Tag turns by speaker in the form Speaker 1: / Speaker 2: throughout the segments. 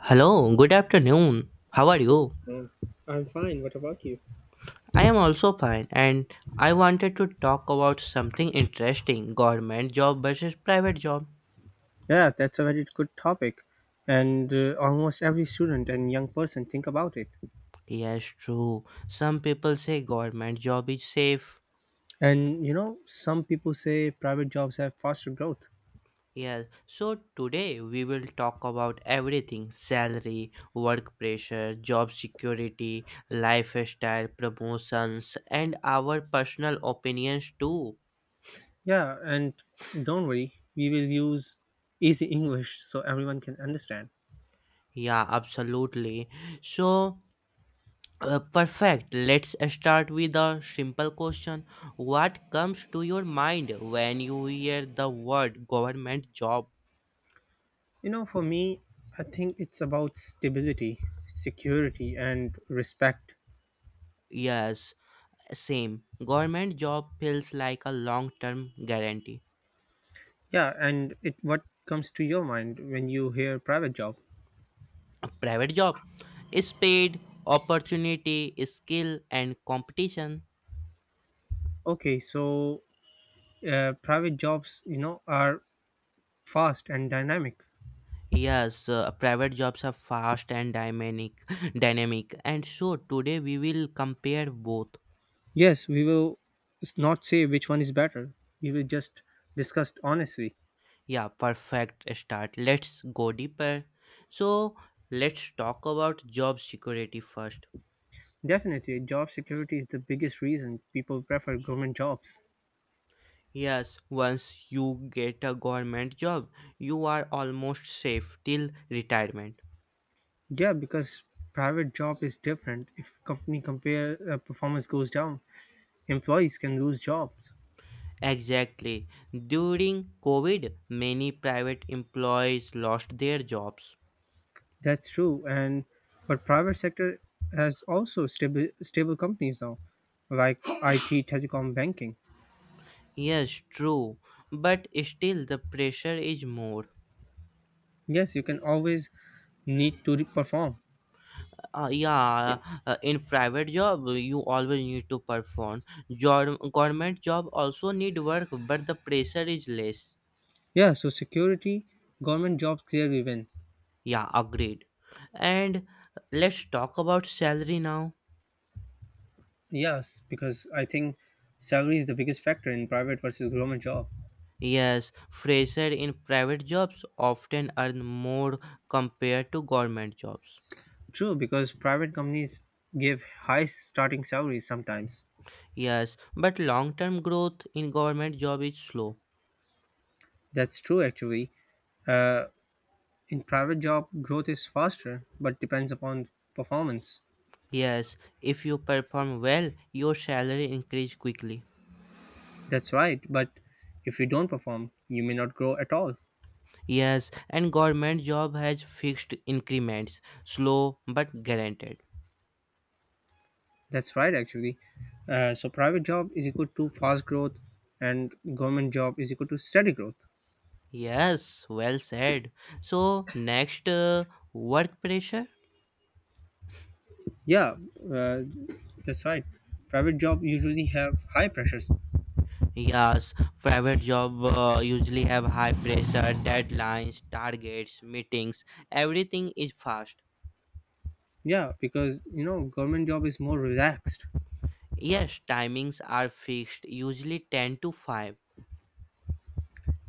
Speaker 1: Hello, good afternoon. How are you?
Speaker 2: Oh, I'm fine. What about you?
Speaker 1: I am also fine and I wanted to talk about something interesting government job versus private job.
Speaker 2: Yeah, that's a very good topic, and almost every student and young person think about it.
Speaker 1: Yes, true. Some people say government job is safe.
Speaker 2: And some people say private jobs have faster growth.
Speaker 1: Yes. So today we will talk about everything salary, work pressure, job security, lifestyle, promotions, and our personal opinions too.
Speaker 2: Yeah, and don't worry, we will use easy English so everyone can understand.
Speaker 1: Yeah, absolutely. So Perfect. Let's start with a simple question. What comes to your mind when you hear the word government job?
Speaker 2: For me, I think it's about stability, security, and respect.
Speaker 1: Yes, same. Government job feels like a long term guarantee.
Speaker 2: Yeah, and it what comes to your mind when you hear private job?
Speaker 1: Private job is paid, opportunity, skill, and competition.
Speaker 2: Okay, so private jobs, are fast and dynamic.
Speaker 1: Yes, private jobs are fast and dynamic, dynamic, and so today we will compare both.
Speaker 2: Yes, we will not say which one is better. We will just discuss honestly.
Speaker 1: Yeah, perfect start. Let's go deeper. So, let's talk about job security first.
Speaker 2: Definitely, job security is the biggest reason people prefer government jobs.
Speaker 1: Yes, once you get a government job, you are almost safe till retirement.
Speaker 2: Yeah, because private job is different. If company compare performance goes down, employees can lose jobs.
Speaker 1: Exactly. During COVID, many private employees lost their jobs.
Speaker 2: That's true. And but private sector has also stable companies now, like IT, telecom, banking.
Speaker 1: Yes, true. But still, the pressure is more.
Speaker 2: Yes, you can always need to perform.
Speaker 1: uh, yeah in private job you always need to perform job government job also need work but the pressure is less.
Speaker 2: Yeah, so security, government jobs clearly win.
Speaker 1: Yeah, agreed. And let's talk about salary now.
Speaker 2: Yes, because I think salary is the biggest factor in private versus government job.
Speaker 1: Yes, fresher in private jobs often earn more compared to government jobs.
Speaker 2: True, because private companies give high starting salaries sometimes.
Speaker 1: Yes, but long term growth in government job is slow.
Speaker 2: That's true actually. In private job, growth is faster, but depends upon performance.
Speaker 1: Yes, if you perform well your salary increase quickly.
Speaker 2: That's right, but if you don't perform, you may not grow at all.
Speaker 1: Yes, and government job has fixed increments, slow but guaranteed.
Speaker 2: That's right actually. So private job is equal to fast growth, and government job is equal to steady growth.
Speaker 1: Yes, well said. So next, work pressure.
Speaker 2: Yeah, uh, that's right. Private job usually have high pressures.
Speaker 1: Yes, private job usually have high pressure, deadlines, targets, meetings. Everything is fast.
Speaker 2: Yeah, because government job is more relaxed.
Speaker 1: Yes, timings are fixed, usually 10 to 5.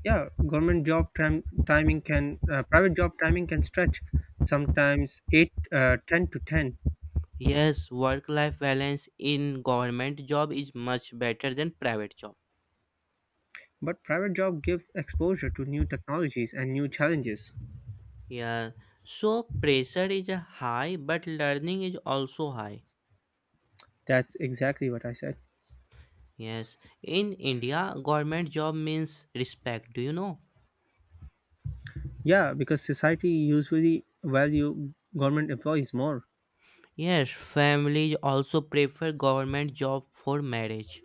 Speaker 2: Yeah, government job time timing can private job timing can stretch sometimes 8 10 to 10,
Speaker 1: Yes, work-life balance in government job is much better than private job.
Speaker 2: but private job give exposure to new technologies and new challenges.
Speaker 1: Yeah, so pressure is a high, but learning is also high.
Speaker 2: That's exactly what I said.
Speaker 1: Yes, in India, government job means respect. Do you know?
Speaker 2: Yeah, because society usually value government employees more,
Speaker 1: Yes, families also prefer government job for marriage.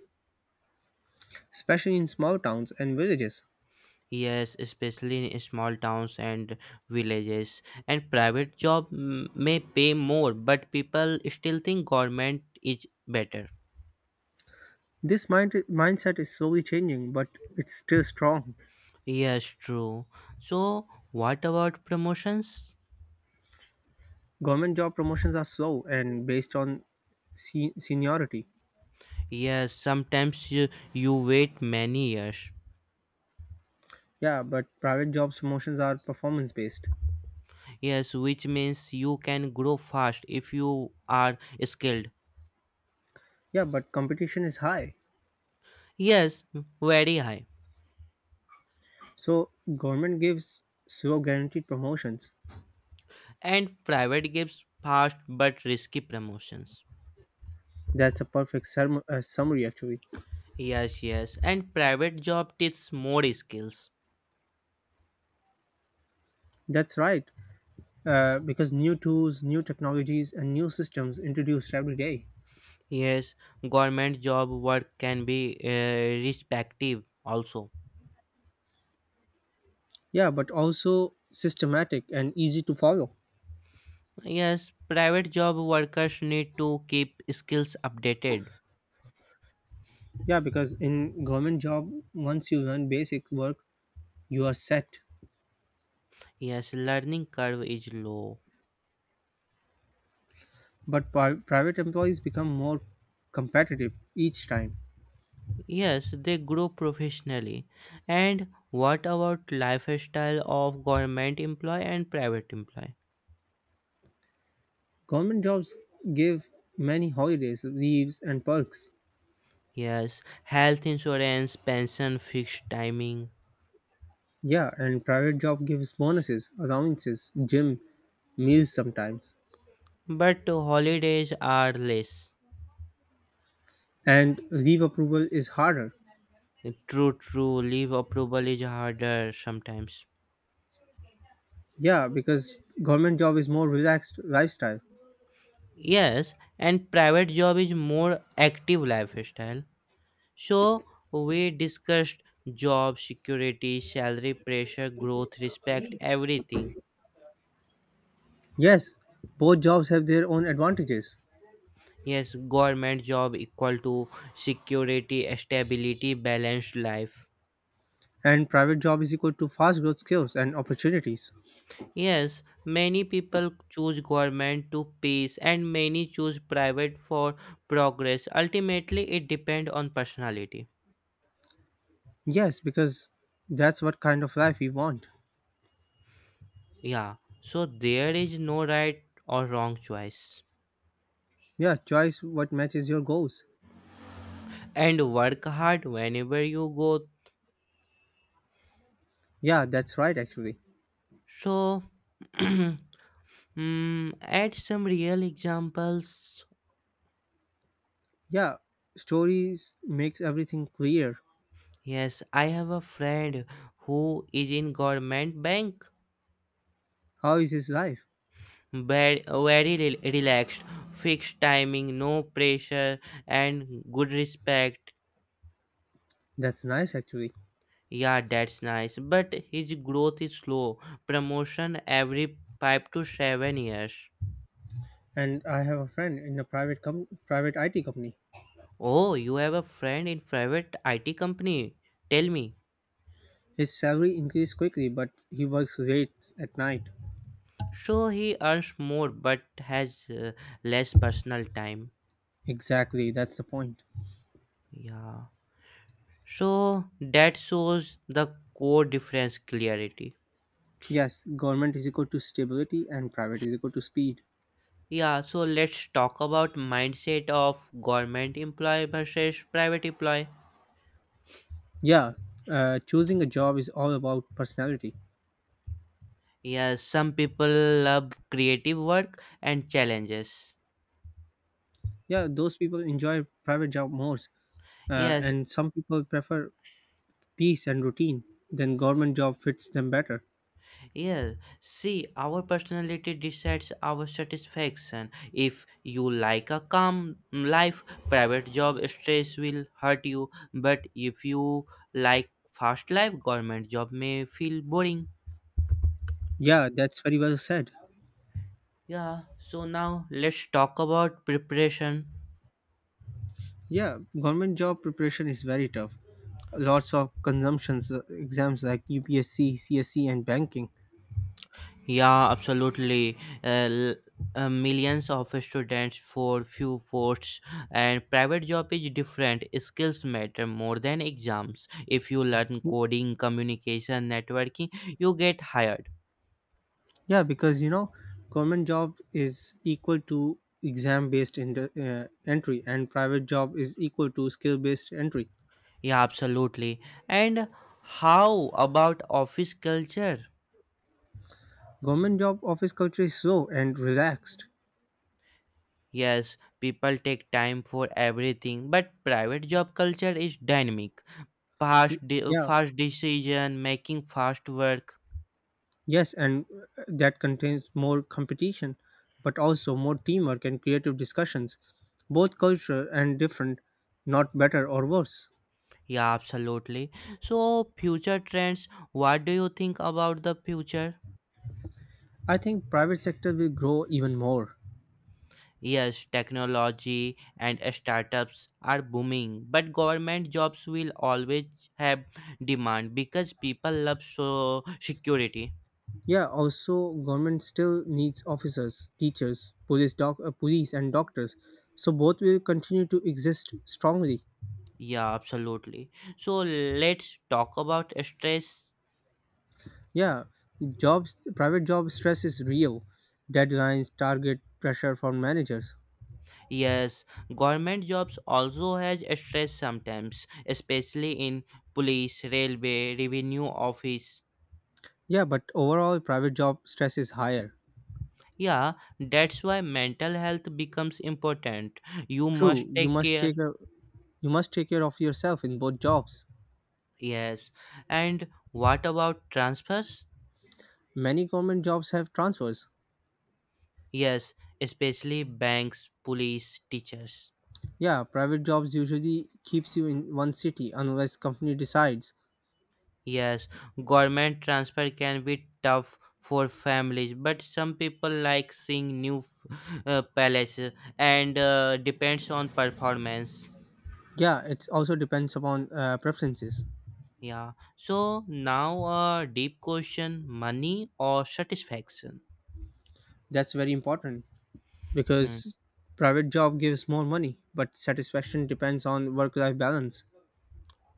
Speaker 2: especially in small towns and villages.
Speaker 1: Yes, especially in small towns and villages. And private job may pay more, but people still think government is better.
Speaker 2: This mindset is slowly changing, but it's still strong.
Speaker 1: Yes, true. So, what about promotions?
Speaker 2: Government job promotions are slow and based on seniority.
Speaker 1: Yes, sometimes you wait many years.
Speaker 2: Yeah, but private jobs promotions are performance based.
Speaker 1: Yes, which means you can grow fast if you are skilled.
Speaker 2: Yeah, but competition is high.
Speaker 1: Yes, very high.
Speaker 2: So government gives slow guaranteed promotions.
Speaker 1: And private gives fast but risky promotions.
Speaker 2: That's a perfect summary, actually.
Speaker 1: Yes, yes. And private job teaches more skills.
Speaker 2: That's right, because new tools, new technologies, and new systems introduced every day.
Speaker 1: Yes, government job work can be respective also.
Speaker 2: Yeah, but also systematic and easy to follow.
Speaker 1: Yes, private job workers need to keep skills updated.
Speaker 2: Yeah, because in government job, once you learn basic work, you are set.
Speaker 1: Yes, learning curve is low.
Speaker 2: But private employees become more competitive each time.
Speaker 1: Yes, they grow professionally. And what about lifestyle of government employee and private employee?
Speaker 2: Government jobs give many holidays, leaves, and perks.
Speaker 1: Yes, health insurance, pension, fixed timing.
Speaker 2: Yeah, and private job gives bonuses, allowances, gym, meals sometimes.
Speaker 1: But holidays are less.
Speaker 2: And leave approval is harder.
Speaker 1: True, true. Leave approval is harder sometimes.
Speaker 2: Yeah, because government job is more relaxed lifestyle.
Speaker 1: Yes, and private job is more active lifestyle. So we discussed job security, salary pressure, growth, respect, everything.
Speaker 2: Yes, both jobs have their own advantages.
Speaker 1: Yes, government job equal to security, stability, balanced life.
Speaker 2: And private job is equal to fast growth, skills, and opportunities.
Speaker 1: Yes, many people choose government to peace and many choose private for progress. Ultimately, it depends on personality.
Speaker 2: Yes, because that's what kind of life we want.
Speaker 1: Yeah, so there is no right or wrong choice.
Speaker 2: Yeah, choice what matches your goals.
Speaker 1: And work hard whenever you go.
Speaker 2: Yeah, that's right actually.
Speaker 1: So, add some real examples.
Speaker 2: Yeah, stories makes everything clear.
Speaker 1: Yes, I have a friend who is in government bank.
Speaker 2: How is his life?
Speaker 1: Very, very relaxed, fixed timing, no pressure, and good respect.
Speaker 2: That's nice actually.
Speaker 1: Yeah, that's nice. But his growth is slow. Promotion every five to seven years.
Speaker 2: And I have a friend in a private IT company.
Speaker 1: Oh, you have a friend in private IT company. Tell me.
Speaker 2: His salary increased quickly, but he works late at night.
Speaker 1: So he earns more but has less personal time.
Speaker 2: Exactly, that's the point.
Speaker 1: Yeah. So that shows the core difference clarity.
Speaker 2: Yes, government is equal to stability, and private is equal to speed.
Speaker 1: Yeah, so let's talk about mindset of government employee versus private employee.
Speaker 2: Yeah, choosing a job is all about personality.
Speaker 1: Yes, some people love creative work and challenges.
Speaker 2: Yeah, those people enjoy private job more,
Speaker 1: Yes,
Speaker 2: and some people prefer peace and routine. Then government job fits them better.
Speaker 1: yes. See, our personality decides our satisfaction. If you like a calm life, private job stress will hurt you. But if you like fast life, government job may feel boring.
Speaker 2: Yeah, that's very well said.
Speaker 1: Yeah, so now let's talk about preparation.
Speaker 2: Yeah, government job preparation is very tough. Lots of consumptions exams like UPSC, CSC, and banking.
Speaker 1: Yeah, absolutely. Millions of students for few posts and private job is different. Skills matter more than exams. If you learn coding, communication, networking, you get hired.
Speaker 2: Yeah, because government job is equal to exam based in the entry, and private job is equal to skill based entry.
Speaker 1: Yeah, absolutely. And how about office culture?
Speaker 2: Government job office culture is slow and relaxed.
Speaker 1: Yes, people take time for everything, but private job culture is dynamic.
Speaker 2: Y- Yeah,
Speaker 1: Fast decision making, fast work.
Speaker 2: yes, and that contains more competition, but also more teamwork and creative discussions. Both culture and different, not better or worse.
Speaker 1: Yeah, absolutely. So future trends, what do you think about the future?
Speaker 2: I think private sector will grow even more.
Speaker 1: Yes, technology and startups are booming, but government jobs will always have demand because people love so security.
Speaker 2: Yeah, also government still needs officers, teachers, police and doctors. So both will continue to exist strongly.
Speaker 1: Yeah, absolutely. So let's talk about stress.
Speaker 2: Yeah, private job stress is real. Deadlines, target pressure from managers.
Speaker 1: Yes, government jobs also has stress sometimes, especially in police, railway, revenue office.
Speaker 2: Yeah, but overall, private job stress is higher.
Speaker 1: Yeah, that's why mental health becomes important. You must
Speaker 2: True, you
Speaker 1: take
Speaker 2: must
Speaker 1: care.
Speaker 2: you must take care of yourself in both jobs.
Speaker 1: Yes. And what about transfers?
Speaker 2: Many government jobs have transfers.
Speaker 1: Yes, especially banks, police, teachers.
Speaker 2: Yeah, private jobs usually keeps you in one city unless company decides.
Speaker 1: Yes, government transfer can be tough for families, but some people like seeing new palaces and depends on performance.
Speaker 2: Yeah, it also depends upon preferences.
Speaker 1: Yeah. So now a deep question: money or satisfaction?
Speaker 2: That's very important
Speaker 1: Hmm.
Speaker 2: because private job gives more money, but satisfaction depends on work-life balance.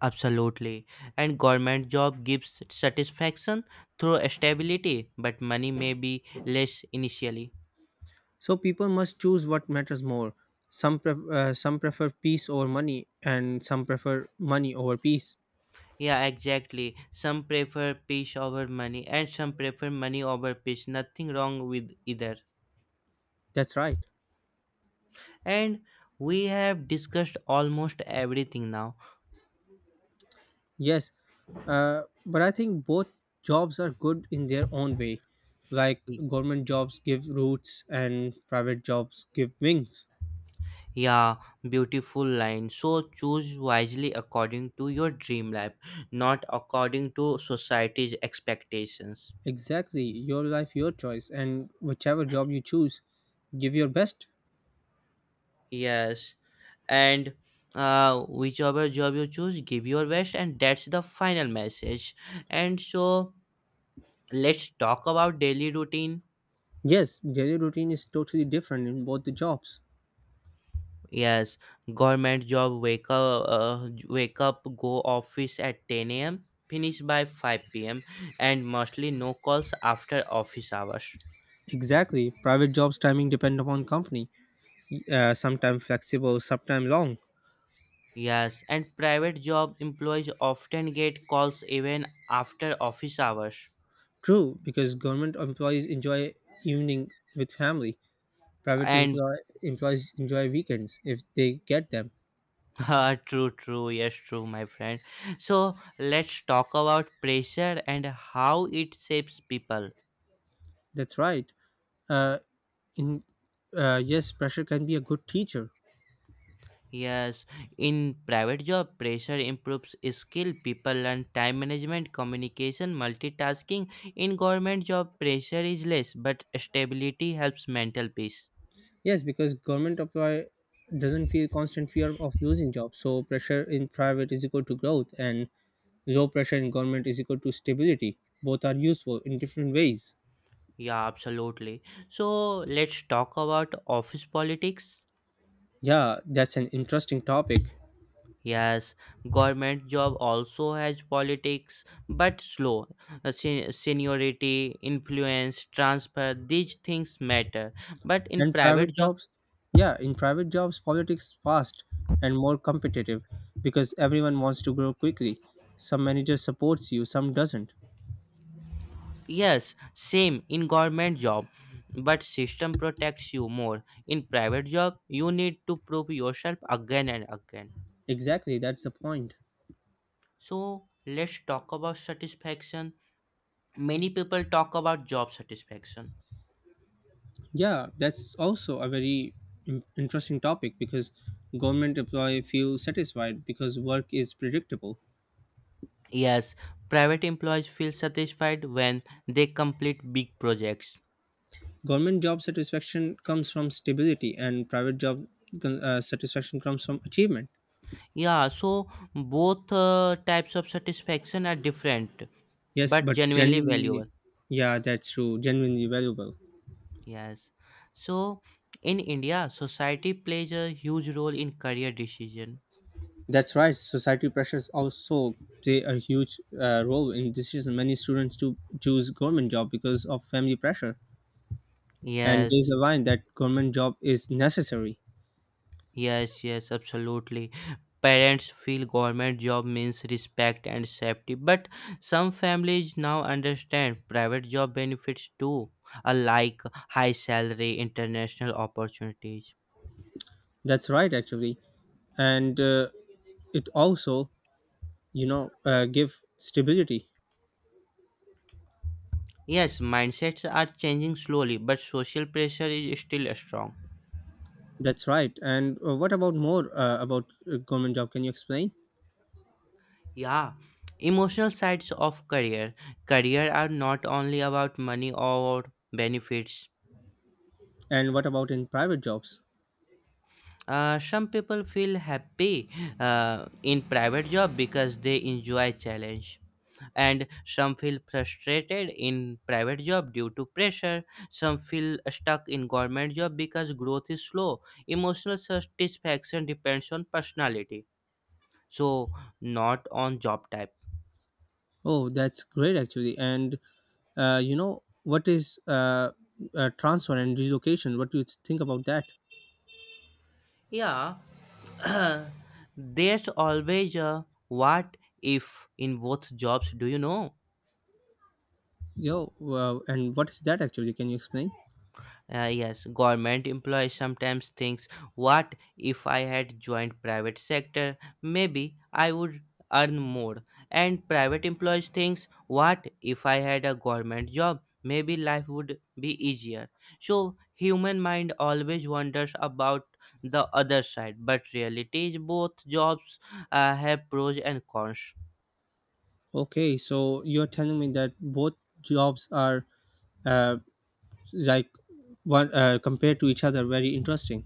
Speaker 1: Absolutely. And government job gives satisfaction through stability, but money may be less initially.
Speaker 2: So people must choose what matters more. Some prefer peace over money, and some prefer money over peace.
Speaker 1: Yeah, exactly. Some prefer peace over money, and some prefer money over peace. Nothing wrong with either.
Speaker 2: That's right.
Speaker 1: And we have discussed almost everything now.
Speaker 2: Yes, but I think both jobs are good in their own way. Like
Speaker 1: Y-
Speaker 2: government jobs give roots, and private jobs give wings.
Speaker 1: Yeah, beautiful line. So choose wisely according to your dream life, not according to society's expectations.
Speaker 2: Exactly, your life, your choice, and whichever job you choose, give your best.
Speaker 1: Yes, and uh, whichever job you choose, give your best, and that's the final message. And so let's talk about daily routine.
Speaker 2: Yes, daily routine is totally different in both the jobs.
Speaker 1: Yes, government job wake up, wake up, go office at 10 a.m., finish by 5 p.m., and mostly no calls after office hours.
Speaker 2: Exactly, private jobs timing depend upon company, sometimes flexible, sometimes long.
Speaker 1: Yes, and private job employees often get calls even after office hours.
Speaker 2: True, because government employees enjoy evening with family. Private
Speaker 1: And
Speaker 2: employees enjoy weekends if they get them.
Speaker 1: true, true, yes, true, my friend. So let's talk about pressure and how it shapes people.
Speaker 2: That's right. Uh, in Yes, pressure can be a good teacher.
Speaker 1: Yes, in private job, pressure improves skill. People learn time management, communication, multitasking. In government job, pressure is less, but stability helps mental peace.
Speaker 2: Yes, because government employee doesn't feel constant fear of losing job. So pressure in private is equal to growth, and low pressure in government is equal to stability. Both are useful in different ways.
Speaker 1: Yeah, absolutely. So let's talk about office politics.
Speaker 2: Yeah, that's an interesting topic.
Speaker 1: Yes, government job also has politics, but slow. Seniority, influence, transfer, these things matter. But in
Speaker 2: And
Speaker 1: private
Speaker 2: private
Speaker 1: job,
Speaker 2: jobs, yeah, in private jobs, politics fast and more competitive, because everyone wants to grow quickly. Some manager supports you, some doesn't.
Speaker 1: yes, same in government job, but system protects you more. In private job, you need to prove yourself again and again.
Speaker 2: Exactly, that's the point.
Speaker 1: So let's talk about satisfaction. Many people talk about job satisfaction.
Speaker 2: Yeah, that's also a very interesting topic, because government employee feel satisfied because work is predictable.
Speaker 1: Yes, private employees feel satisfied when they complete big projects.
Speaker 2: Government job satisfaction comes from stability, and private job satisfaction comes from achievement.
Speaker 1: Yeah, so both types of satisfaction are different
Speaker 2: Yes,
Speaker 1: but
Speaker 2: but
Speaker 1: genuinely
Speaker 2: genuinely.
Speaker 1: valuable.
Speaker 2: Yeah, that's true, genuinely valuable.
Speaker 1: Yes. So in India, society plays a huge role in career decision.
Speaker 2: That's right. Society pressures also play a huge role in decision. Many students do choose government job because of family pressure, and there's a
Speaker 1: Yes.
Speaker 2: line that government job is necessary.
Speaker 1: Yes, yes, absolutely. Parents feel government job means respect and safety, but some families now understand private job benefits too, like high salary, international opportunities.
Speaker 2: That's right, actually, and it also give stability.
Speaker 1: Yes, mindsets are changing slowly, but social pressure is still strong.
Speaker 2: That's right. And what about more about government job? Can you explain?
Speaker 1: Yeah, emotional sides of career. Career are not only about money or benefits.
Speaker 2: And what about in private jobs?
Speaker 1: Some people feel happy in private job because they enjoy challenge, and some feel frustrated in private job due to pressure, some feel stuck in government job because growth is slow. Emotional satisfaction depends on personality, so not on job type.
Speaker 2: Oh, that's great actually. And you know what is transfer and relocation? What do you think about that?
Speaker 1: Yeah. There's always a what if in both jobs, do you know?
Speaker 2: Yo, and what is that actually? Can you explain?
Speaker 1: Yes, government employees sometimes thinks, what if I had joined private sector? Maybe I would earn more. And private employees thinks, what if I had a government job? Maybe life would be easier. So human mind always wonders about the other side, but reality is both jobs have pros and cons.
Speaker 2: Okay, so you're telling me that both jobs are uh, like one compared to each other, very interesting.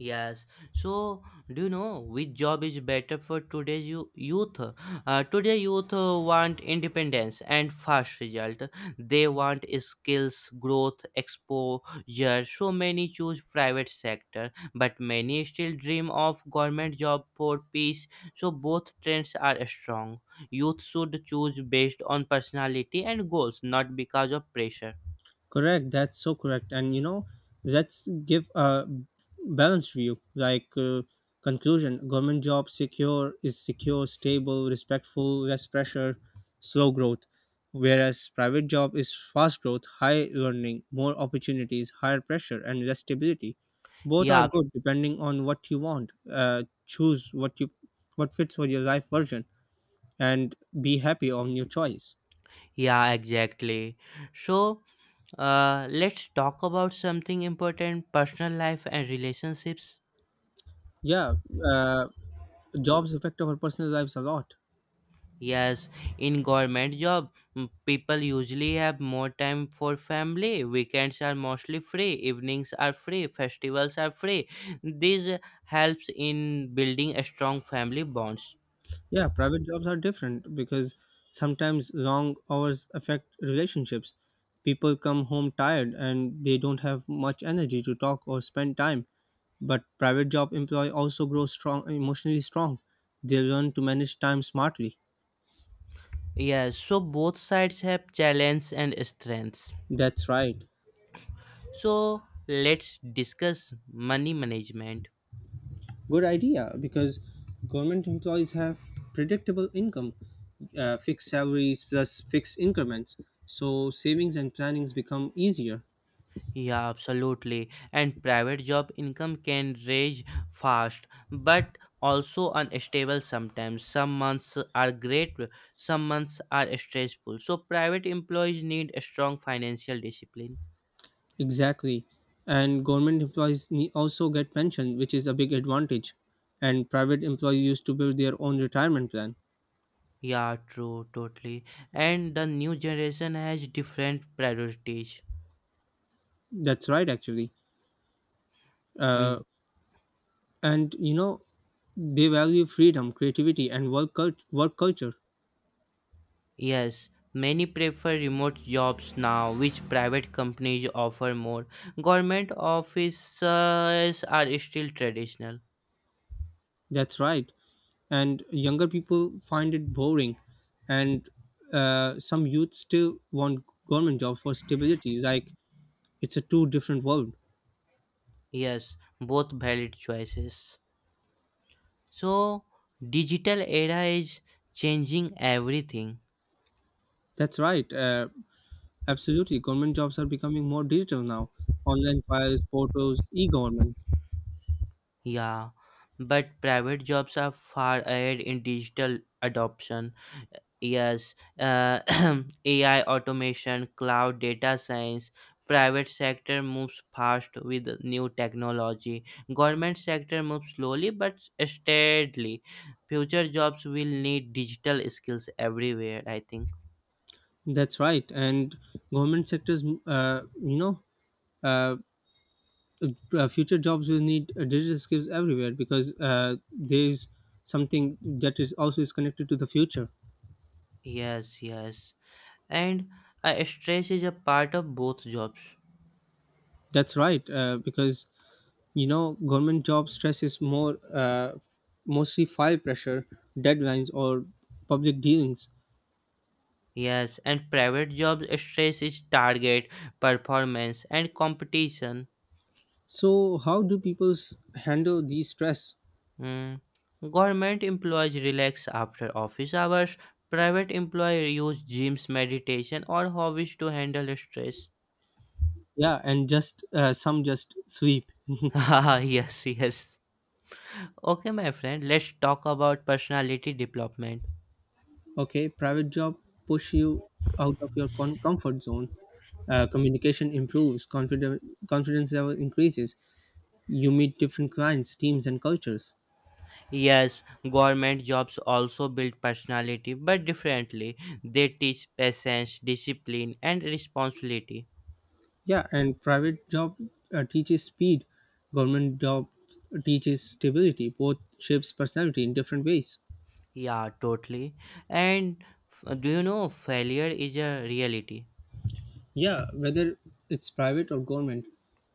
Speaker 1: Yes. So, do you know which job is better for today's youth? Today, youth want independence and fast result. They want skills, growth, exposure. So many choose private sector, but many still dream of government job for peace. So both trends are strong. Youth should choose based on personality and goals, not because of pressure.
Speaker 2: Correct. That's so correct. And let's give a balanced view. Like conclusion, government job secure is secure, stable, respectful, less pressure, slow growth. Whereas private job is fast growth, high learning, more opportunities, higher pressure, and less stability. Both are
Speaker 1: Yeah,
Speaker 2: good depending on what you want. Choose what fits for your life version, and be happy on your choice.
Speaker 1: yeah, exactly. So. Let's talk about something important personal life and relationships.
Speaker 2: Yeah, uh, jobs affect our personal lives a lot.
Speaker 1: Yes, in government job, people usually have more time for family. Weekends are mostly free, evenings are free, festivals are free. This helps in building a strong family bonds.
Speaker 2: Yeah, private jobs are different because sometimes long hours affect relationships. People come home tired, and they don't have much energy to talk or spend time. But private job employee also grow strong emotionally strong. They learn to manage time smartly.
Speaker 1: Yes, so both sides have challenges and strengths.
Speaker 2: That's right.
Speaker 1: So let's discuss money management.
Speaker 2: Good idea, because government employees have predictable income, fixed salaries plus fixed increments. So savings and plannings become easier.
Speaker 1: Yeah, absolutely. And private job income can rise fast, but also unstable sometimes. Some months are great, some months are stressful. So private employees need a strong financial discipline.
Speaker 2: Exactly. And government employees also get pension, which is a big advantage. And private employees used to build their own retirement plan.
Speaker 1: Yeah, true, totally. And the new generation has different priorities.
Speaker 2: That's right, actually. Uh,
Speaker 1: Mm,
Speaker 2: and they value freedom, creativity, and work culture.
Speaker 1: Yes, many prefer remote jobs now, which private companies offer more. Government offices are still traditional.
Speaker 2: That's right. And younger people find it boring, and some youth still want government job for stability. Like it's a two different world.
Speaker 1: Yes, both valid choices. So, digital era is changing everything.
Speaker 2: That's right. Absolutely, government jobs are becoming more digital now. Online files, portals, e-government.
Speaker 1: Yeah, but private jobs are far ahead in digital adoption. Yes, AI automation, cloud data science, private sector moves fast with new technology. Government sector moves slowly but steadily. Future jobs will need digital skills everywhere, I think.
Speaker 2: That's right. And government sectors, mm, you know, uh, future jobs will need digital skills everywhere because there is something that is also is connected to the future.
Speaker 1: Yes, yes. And stress is a part of both jobs.
Speaker 2: That's right. Because government job stress is more mostly file pressure, deadlines, or public dealings.
Speaker 1: Yes, and private jobs stress is target, performance and competition.
Speaker 2: So, how do people handle these stress?
Speaker 1: Mm. Government employees relax after office hours, private employees use gyms, meditation or hobbies to handle stress.
Speaker 2: Yeah, and just some just sweep.
Speaker 1: Haha, yes, yes. Okay my friend, let's talk about personality development.
Speaker 2: Okay, private job push you out of your comfort zone. Communication improves confidence. Confidence level increases. You meet different clients, teams, and cultures.
Speaker 1: Yes, government jobs also build personality, but differently. They teach patience, discipline, and responsibility.
Speaker 2: Yeah, and private job teaches speed. Government job teaches stability. Both shapes personality in different ways.
Speaker 1: Yeah, totally. And do you know failure is a reality?
Speaker 2: Yeah, whether it's private or government,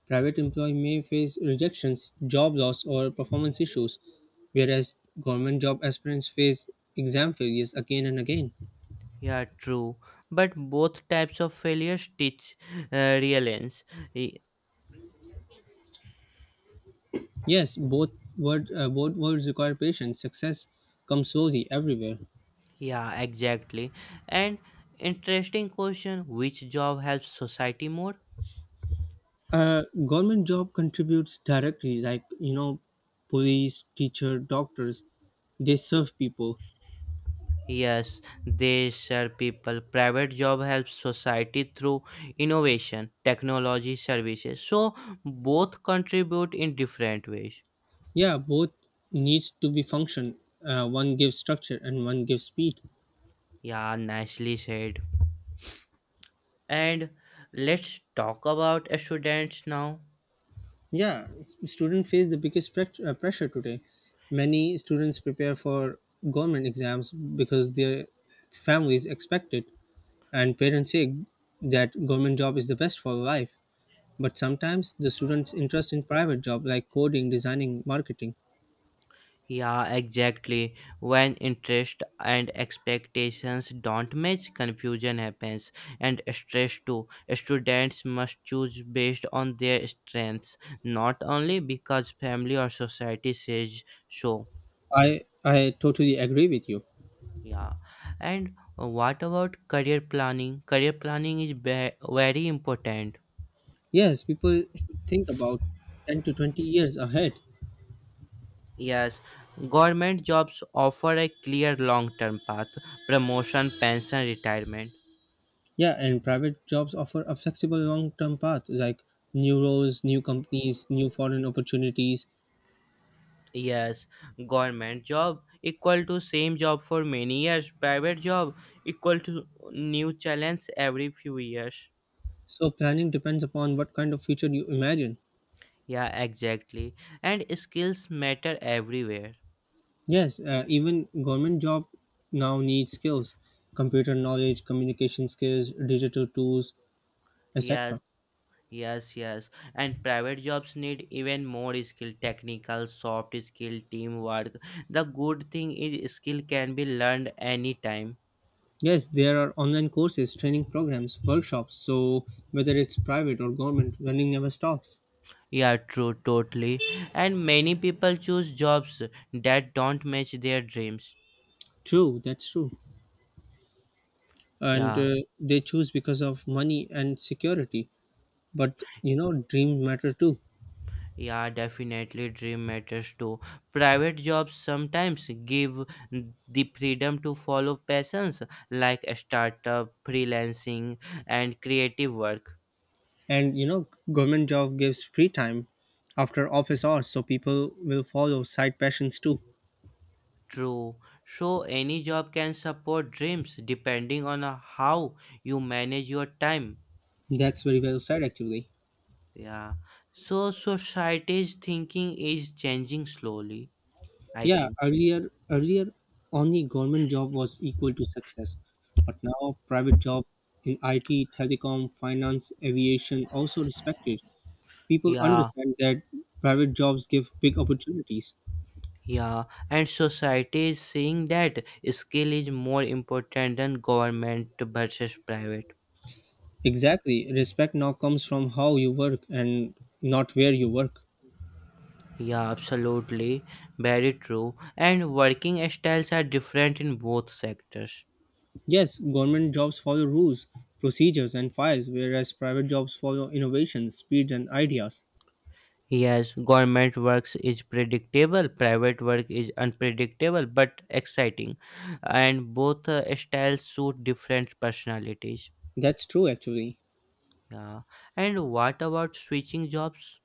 Speaker 2: private employee may face rejections, job loss, or performance issues, whereas government job aspirants face exam failures again and again.
Speaker 1: Yeah, true. But both types of failures teach resilience. Y-
Speaker 2: Yes, both both words require patience. Success comes slowly everywhere.
Speaker 1: Yeah, exactly. And interesting question: Which job helps society more?
Speaker 2: Government job contributes directly, like police, teacher, doctors. They serve people.
Speaker 1: Yes, they share people. Private job helps society through innovation, technology, services. So both contribute in different ways.
Speaker 2: Yeah, both needs to be function. One gives structure, and one gives speed.
Speaker 1: Yeah, nicely said. And let's talk about students now.
Speaker 2: Yeah, students face the biggest pressure today. Many students prepare for government exams because their families expect it, and parents say that government job is the best for life. But sometimes the students' interest in private job, like coding, designing, marketing.
Speaker 1: Yeah, exactly. When interest and expectations don't match, confusion happens and stress too. Students must choose based on their strengths, not only because family or society says so.
Speaker 2: I totally agree with you.
Speaker 1: Yeah. And what about career planning? Career planning is very important.
Speaker 2: Yes, people should think about 10 to 20 years ahead.
Speaker 1: Yes, government jobs offer a clear long term path promotion, pension, retirement.
Speaker 2: Yeah, and private jobs offer a flexible long term path, like new roles, new companies, new foreign opportunities.
Speaker 1: Yes, government job equal to same job for many years, private job equal to new challenge every few years.
Speaker 2: So planning depends upon what kind of future you imagine.
Speaker 1: Yeah, exactly. And skills matter everywhere.
Speaker 2: Yes, even government job now needs skills, computer knowledge, communication skills, digital tools,
Speaker 1: Yes,
Speaker 2: etc.
Speaker 1: yes, yes. And private jobs need even more skill, technical, soft skill, teamwork. The good thing is skill can be learned anytime.
Speaker 2: Yes, there are online courses, training programs, workshops. So whether it's private or government, learning never stops.
Speaker 1: Yeah, true, totally. And many people choose jobs that don't match their dreams.
Speaker 2: True, that's true. And
Speaker 1: Yeah.
Speaker 2: they choose because of money and security. But dreams matter too.
Speaker 1: Yeah, definitely dream matters too. Private jobs sometimes give the freedom to follow passions like a startup, freelancing, and creative work.
Speaker 2: And government job gives free time after office hours, so people will follow side passions too.
Speaker 1: True. So, any job can support dreams depending on how you manage your time.
Speaker 2: That's very well said actually.
Speaker 1: Yeah. So, society's thinking is changing slowly, I
Speaker 2: Yeah,
Speaker 1: think.
Speaker 2: earlier only government job was equal to success. But now private jobs in IT, telecom, finance, aviation also respected. People
Speaker 1: Yeah.
Speaker 2: understand that private jobs give big opportunities.
Speaker 1: Yeah, and society is seeing that skill is more important than government versus private.
Speaker 2: Exactly, respect now comes from how you work, and not where you work.
Speaker 1: Yeah, absolutely. Very true. And working styles are different in both sectors.
Speaker 2: Yes, government jobs follow rules, procedures, and files, whereas private jobs follow innovations, speed, and ideas.
Speaker 1: Yes, government works is predictable, private work is unpredictable but exciting. And both styles suit different personalities.
Speaker 2: That's true, actually.
Speaker 1: Yeah. And what about switching jobs?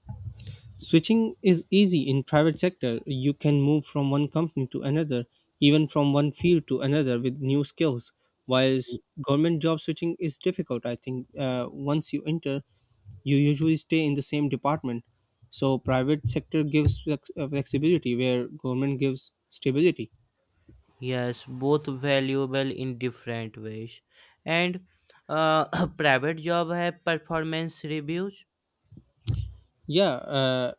Speaker 2: Switching is easy in private sector. You can move from one company to another, even from one field to another with new skills. Whilst government job switching is difficult, I think. Once you enter, you usually stay in the same department. So private sector gives flexibility, where government gives stability.
Speaker 1: Yes, both valuable in different ways. And uh, private job have performance reviews.
Speaker 2: Yeah,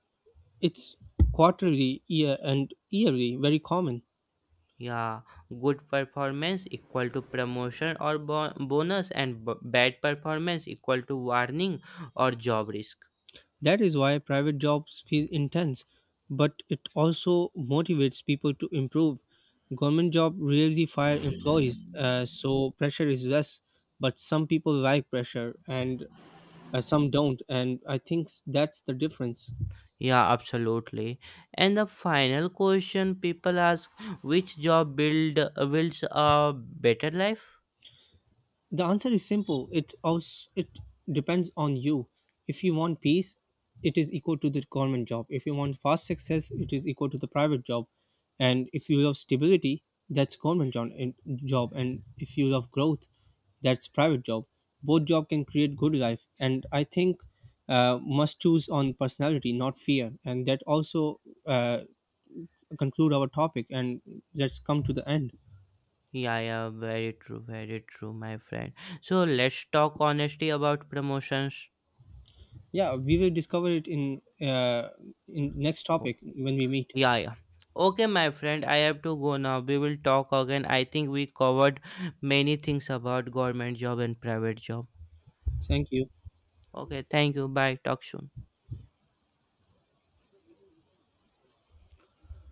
Speaker 2: it's quarterly, year and yearly, very common.
Speaker 1: Yeah, good performance equal to promotion or bonus, and bad performance equal to warning or job risk.
Speaker 2: That is why private jobs feel intense, but it also motivates people to improve. Government job rarely fire employees, so pressure is less. But some people like pressure, and some don't. And I think that's the difference.
Speaker 1: Yeah, absolutely. And the final question people ask: Which job builds a better life?
Speaker 2: The answer is simple. It depends on you. If you want peace, it is equal to the government job. If you want fast success, it is equal to the private job. And if you love stability, that's government job. And if you love growth, that's private job. Both job can create good life. And I think must choose on personality, not fear. And that also conclude our topic. And let's come to the end.
Speaker 1: Yeah, yeah, very true, my friend. So let's talk honestly about promotions.
Speaker 2: Yeah, we will discover it in next
Speaker 1: Oh,
Speaker 2: topic when we meet.
Speaker 1: yeah, yeah. Okay, my friend, I have to go now. We will talk again. I think we covered many things about government job and private job.
Speaker 2: Thank you.
Speaker 1: Okay, thank you. Bye. Talk soon.